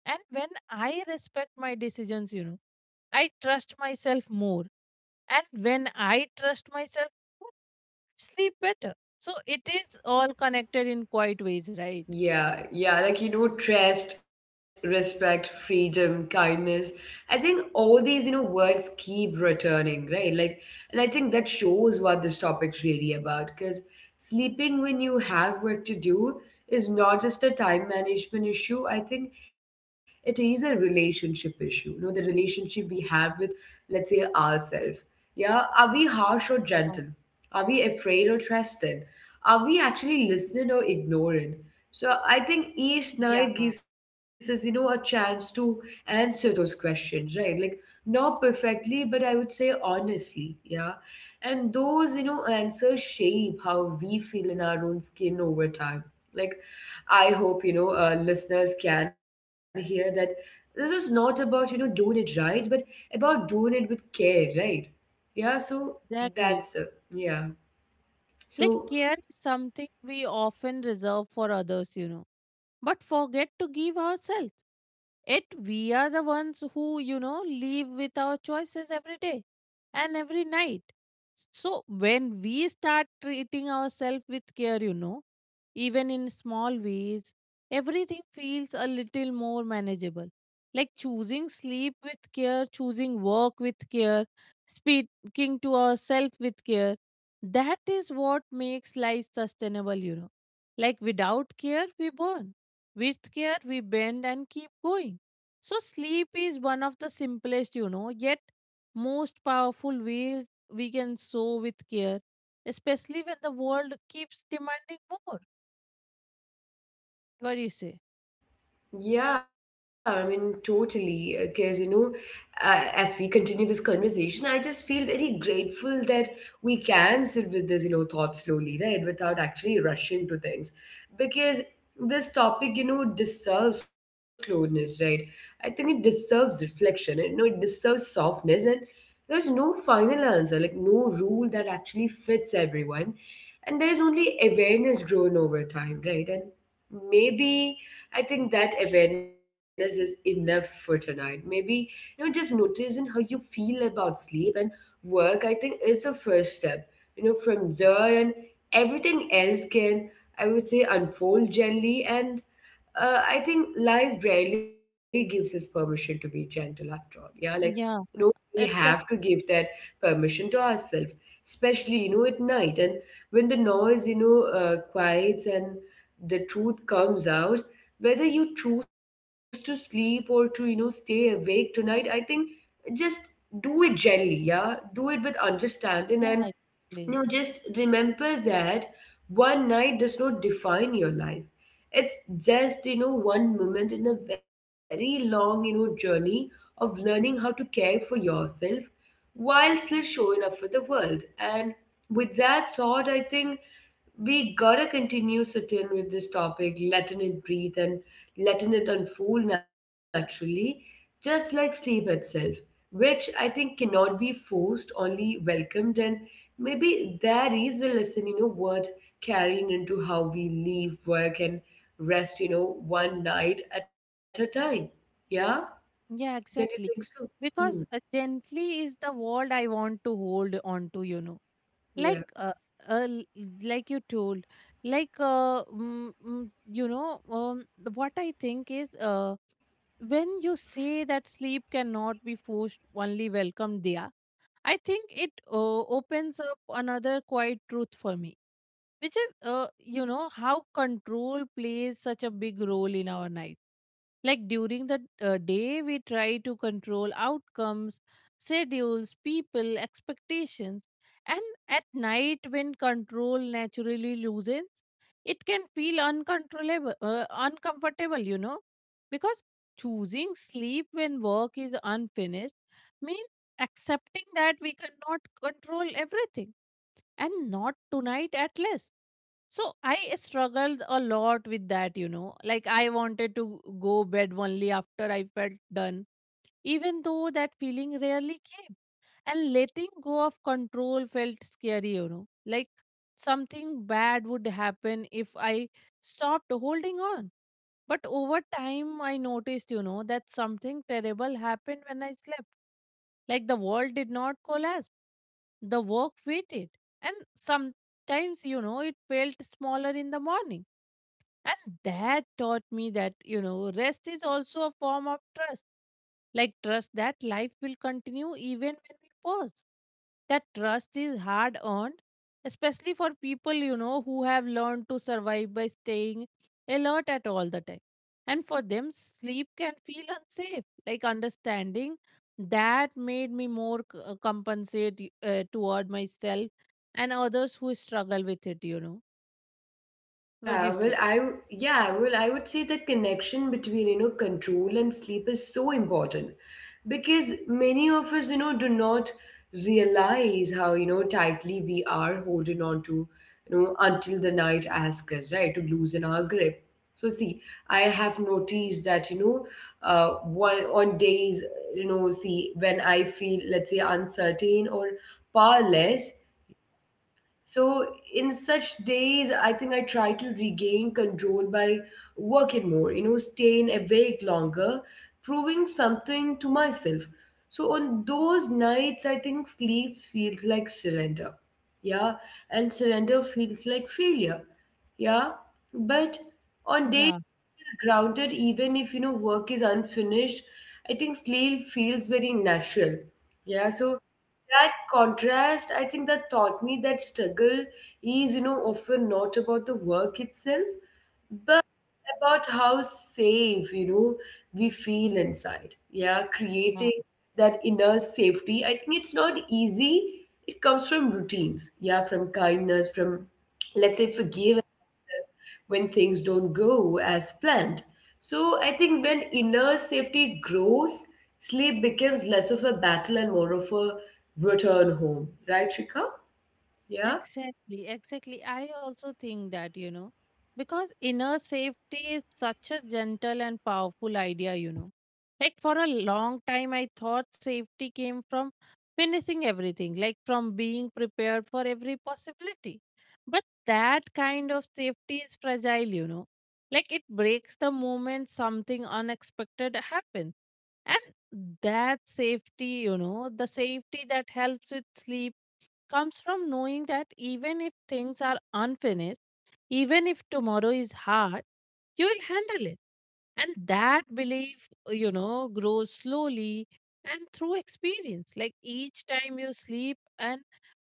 and when I respect my decisions, I trust myself more. And when I trust myself more, I sleep better. So it is all connected in quite ways, right?
Yeah, yeah, like, trust, respect, freedom, kindness. I think all these, words keep returning, right? Like, and I think that shows what this topic's really about, because sleeping when you have work to do is not just a time management issue. I think it is a relationship issue, the relationship we have with, let's say, ourselves. Yeah, are we harsh or
Yeah.
gentle? Are we afraid or trusted? Are we actually listening or ignoring? So I think each
Yeah.
night gives us, a chance to answer those questions, right? Like, not perfectly, but I would say honestly, yeah. And those, answers shape how we feel in our own skin over time. Like, I hope, listeners can hear that this is not about, doing it right, but about doing it with care, right? Yeah, so
Exactly.
that's. Yeah.
Like,
So
care is something we often reserve for others, but forget to give ourselves. It, we are the ones who, live with our choices every day and every night. So when we start treating ourselves with care, even in small ways, everything feels a little more manageable. Like choosing sleep with care, choosing work with care, speaking to ourselves with care. That is what makes life sustainable, Like without care, we burn. With care, we bend and keep going. So sleep is one of the simplest, yet most powerful ways we can sow with care, especially when the world keeps demanding more. What do you say?
yeah, I mean, totally. Because, as we continue this conversation, I just feel very grateful that we can sit with this, thought slowly, right? Without actually rushing to things. Because this topic, deserves slowness, right? I think it deserves reflection, and, it deserves softness. And there's no final answer, like, no rule that actually fits everyone. And there is only awareness grown over time, right? And maybe I think that awareness is enough for tonight. Maybe, just noticing how you feel about sleep and work, I think, is the first step. From there, and everything else can, I would say, unfold gently. And I think life rarely gives us permission to be gentle after all. Yeah, like, you
Yeah,
know we have to
exactly.
give that permission to ourselves, especially, at night. And when the noise, quiets and the truth comes out, whether you choose to sleep or to, stay awake tonight, I think just do it gently. Yeah, do it with understanding. And
Yeah, exactly.
now, just remember that one night does not define your life. It's just, one moment in a very long, journey of learning how to care for yourself while still showing up for the world. And with that thought, I think we gotta continue sitting with this topic, letting it breathe and letting it unfold naturally, just like sleep itself, which I think cannot be forced, only welcomed. And maybe that is the lesson, worth carrying into how we leave work and rest, one night at a time. Yeah? Don't
Yeah,
you think
exactly.
so? Hmm.
Because gently is the word I want to hold on to, Like,
Yeah.
l- like you told, like, mm, mm, you know, what I think is, when you say that sleep cannot be forced, only welcome there, I think it opens up another quiet truth for me, which is, how control plays such a big role in our night. Like during the day, we try to control outcomes, schedules, people, expectations. And at night, when control naturally loosens, it can feel uncontrollable, uncomfortable, because choosing sleep when work is unfinished means accepting that we cannot control everything, and not tonight at least. So I struggled a lot with that, Like I wanted to go bed only after I felt done, even though that feeling rarely came. And letting go of control felt scary, Like something bad would happen if I stopped holding on. But over time, I noticed, that something terrible happened when I slept. Like the world did not collapse, the work waited. And sometimes, it felt smaller in the morning. And that taught me that, rest is also a form of trust. Like trust that life will continue even when we pause. That trust is hard earned, especially for people, who have learned to survive by staying alert at all the time. And for them, sleep can feel unsafe. Like understanding that made me more compensate toward myself and others who struggle with it, what
Yeah,
you
well,
say.
I would say the connection between, control and sleep is so important because many of us, do not realize how, tightly we are holding on to, until the night asks us, right, to loosen our grip. So see, I have noticed that, one on days, see, when I feel, let's say, uncertain or powerless. So, in such days, I think I try to regain control by working more, staying awake longer, proving something to myself. So, on those nights, I think sleep feels like surrender. Yeah. And surrender feels like failure. Yeah. But on days
Yeah.
grounded, even if, work is unfinished, I think sleep feels very natural. Yeah. So, that contrast, I think, that taught me that struggle is, often not about the work itself, but about how safe, we feel inside. Yeah, creating that inner safety, I think, it's not easy. It comes from routines, yeah, from kindness, from, let's say, forgiveness when things don't go as planned. So I think when inner safety grows, sleep becomes less of a battle and more of a return home, right, Shika? Yeah.
Exactly, exactly. I also think that, because inner safety is such a gentle and powerful idea, Like for a long time, I thought safety came from finishing everything, like from being prepared for every possibility. But that kind of safety is fragile, Like it breaks the moment something unexpected happens. And that safety, the safety that helps with sleep, comes from knowing that even if things are unfinished, even if tomorrow is hard, you will handle it. And that belief, grows slowly and through experience. Like each time you sleep and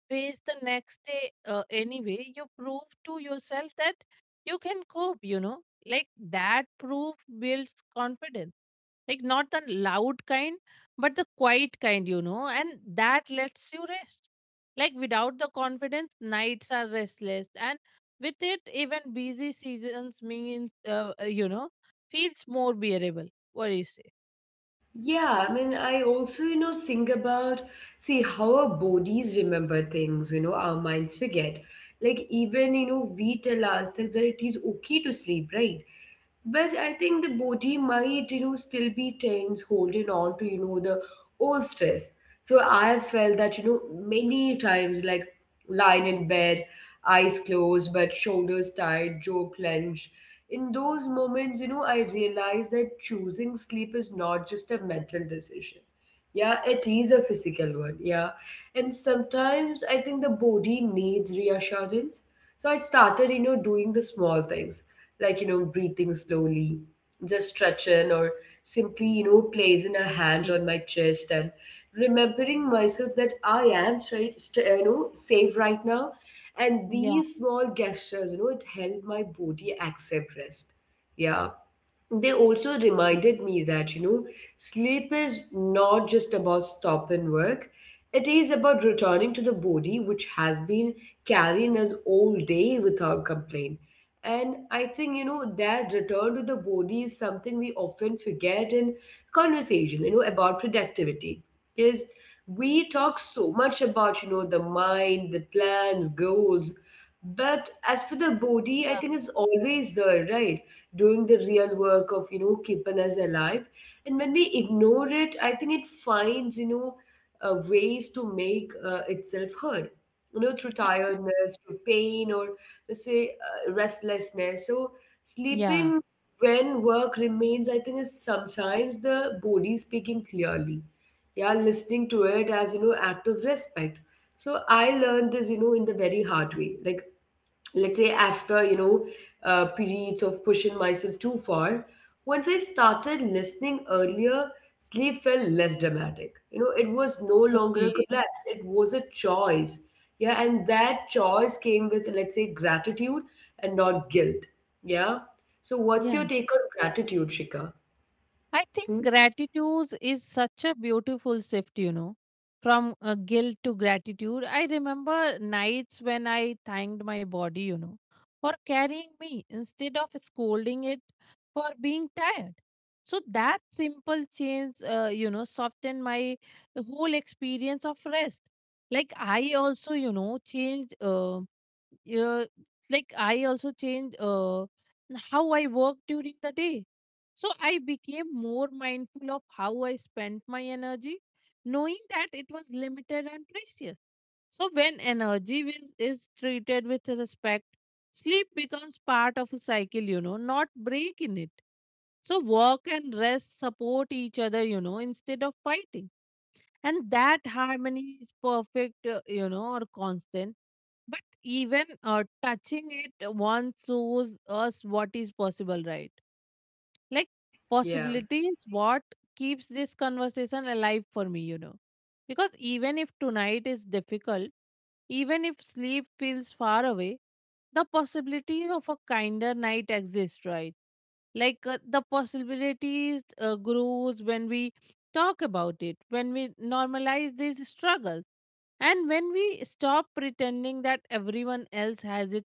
face the next day anyway, you prove to yourself that you can cope, Like that proof builds confidence, like not the loud kind but the quiet kind, and that lets you rest. Like without the confidence, nights are restless, and with it, even busy seasons means feels more bearable. What do you say?
Yeah, I mean, I also, think about, see, how our bodies remember things, our minds forget. Like, even, we tell ourselves that it is okay to sleep, right? But I think the body might, still be tense, holding on to, the old stress. So I have felt that, many times, like lying in bed, eyes closed, but shoulders tight, jaw clenched. In those moments, I realize that choosing sleep is not just a mental decision. Yeah, it is a physical one. Yeah. And sometimes I think the body needs reassurance. So I started, doing the small things, like, breathing slowly, just stretching, or simply, placing a hand on my chest and remembering myself that I am straight, st- you know, safe right now. And
Yeah,
these small gestures, it helped my body accept rest. Yeah, they also reminded me that sleep is not just about stopping work. It is about returning to the body, which has been carrying us all day without complaint. And I think that return to the body is something we often forget in conversation about productivity. Is, we talk so much about the mind, the plans, goals. But as for the body, I
yeah,
think it's always there, right? Doing the real work of keeping us alive. And when we ignore it, I think it finds, ways to make, itself heard, through tiredness, through pain, or let's say restlessness. So
yeah,
sleeping when work remains, I think, is sometimes the body speaking clearly. Yeah, listening to it as act of respect. So I learned this in the very hard way. Like, let's say, after periods of pushing myself too far. Once I started listening earlier, sleep felt less dramatic. It was no longer a
okay,
collapse, it was a choice. Yeah, and that choice came with, let's say, gratitude and not guilt. Yeah. So what's your
yeah.
take on gratitude, Shika?
I think
Hmm?
gratitude is such a beautiful shift, from guilt to gratitude. I remember nights when I thanked my body, for carrying me instead of scolding it for being tired. So that simple change, softened my whole experience of rest. Like I also you know changed uh, like I also changed how I work during the day. So I became more mindful of how I spent my energy, knowing that it was limited and precious. So when energy is treated with respect, sleep becomes part of a cycle, not break in it. So work and rest support each other, instead of fighting. And that harmony is perfect, or constant. But even touching it once shows us what is possible, right? Like
Yeah.
possibility is what keeps this conversation alive for me, Because even if tonight is difficult, even if sleep feels far away, the possibility of a kinder night exists, right? Like the possibilities grows when we talk about it, when we normalize these struggles, and when we stop pretending that everyone else has it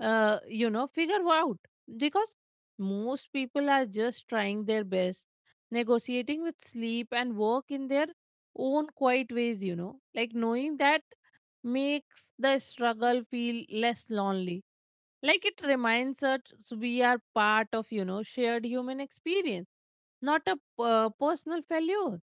figure out. Because most people are just trying their best, negotiating with sleep and work in their own quiet ways, like knowing that makes the struggle feel less lonely. Like it reminds us we are part of, shared human experience, not a personal failure.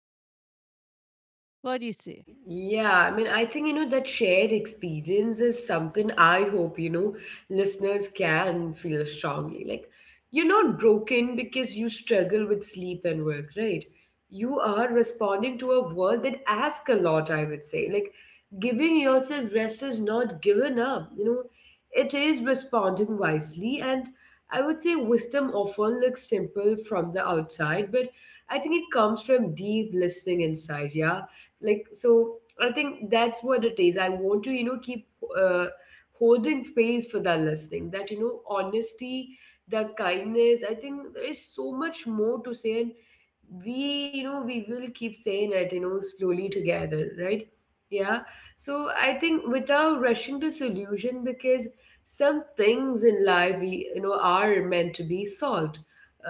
What do you say?
Yeah, I mean, I think, that shared experience is something I hope, listeners can feel strongly. Like, you're not broken because you struggle with sleep and work, right? You are responding to a world that asks a lot, I would say. Like, giving yourself rest is not giving up, it is responding wisely. And I would say wisdom often looks simple from the outside, but I think it comes from deep listening inside. Yeah, like, so I think that's what it is. I want to keep, uh, holding space for that listening, that honesty, the kindness. I think there is so much more to say, and we you know we will keep saying it, slowly, together, right? Yeah. So I think, without rushing to solution, because some things in life we, are meant to be solved,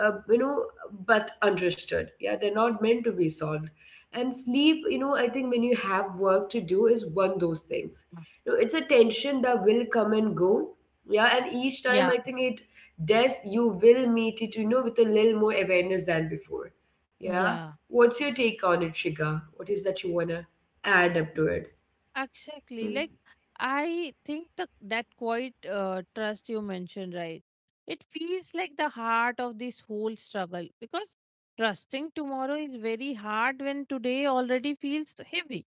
uh, you know but understood. Yeah, they're not meant to be solved. And sleep, I think, when you have work to do, is one of those things. It's a tension that will come and go. Yeah, and each time,
Yeah.
I think, it does. You will meet it with a little more awareness than before. Yeah.
Yeah.
What's your take on it, Shiga? What is that you wanna add up to it?
Exactly. Like, I think that quiet trust you mentioned, right? It feels like the heart of this whole struggle, because trusting tomorrow is very hard when today already feels heavy,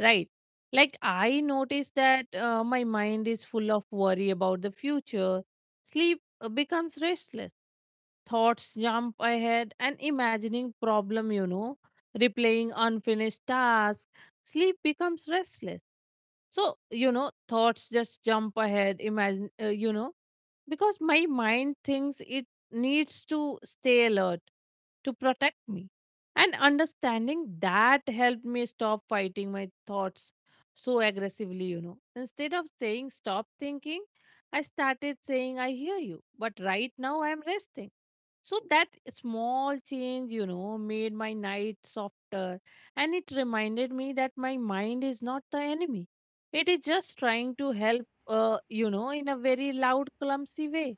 right? Like, I notice that my mind is full of worry about the future. Sleep becomes restless, thoughts jump ahead, and imagining problem, replaying unfinished tasks. Sleep becomes restless so you know thoughts just jump ahead imagine you know Because my mind thinks it needs to stay alert to protect me. And understanding that helped me stop fighting my thoughts so aggressively, instead of saying stop thinking, I started saying I hear you, but right now I am resting. So that small change, made my night softer, and it reminded me that my mind is not the enemy. It is just trying to help, in a very loud, clumsy way.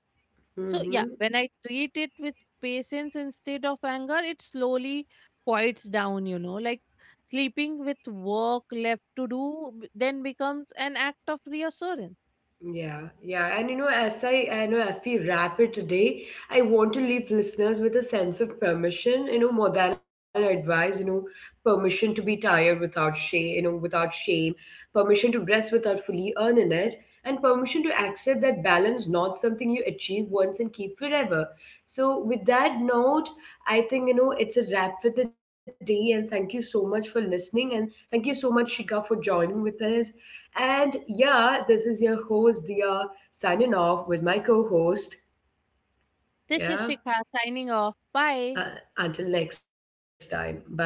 So, yeah,
Mm-hmm.
when I treat it with patience instead of anger, it slowly quiets down, like sleeping with work left to do then becomes an act of reassurance.
Yeah, yeah, and as I know, as we wrap it today, I want to leave listeners with a sense of permission, more than an advice, permission to be tired without shame, without shame, permission to rest without fully earning it, and permission to accept that balance not something you achieve once and keep forever. So, with that note, I think it's a wrap for the day. And thank you so much for listening, and thank you so much, Shika, for joining with us. And yeah, this is your host, Dia, signing off with my co host.
This is
Yeah,
Shikha signing off.
uh,
Bye.
until next time. Bye, everyone.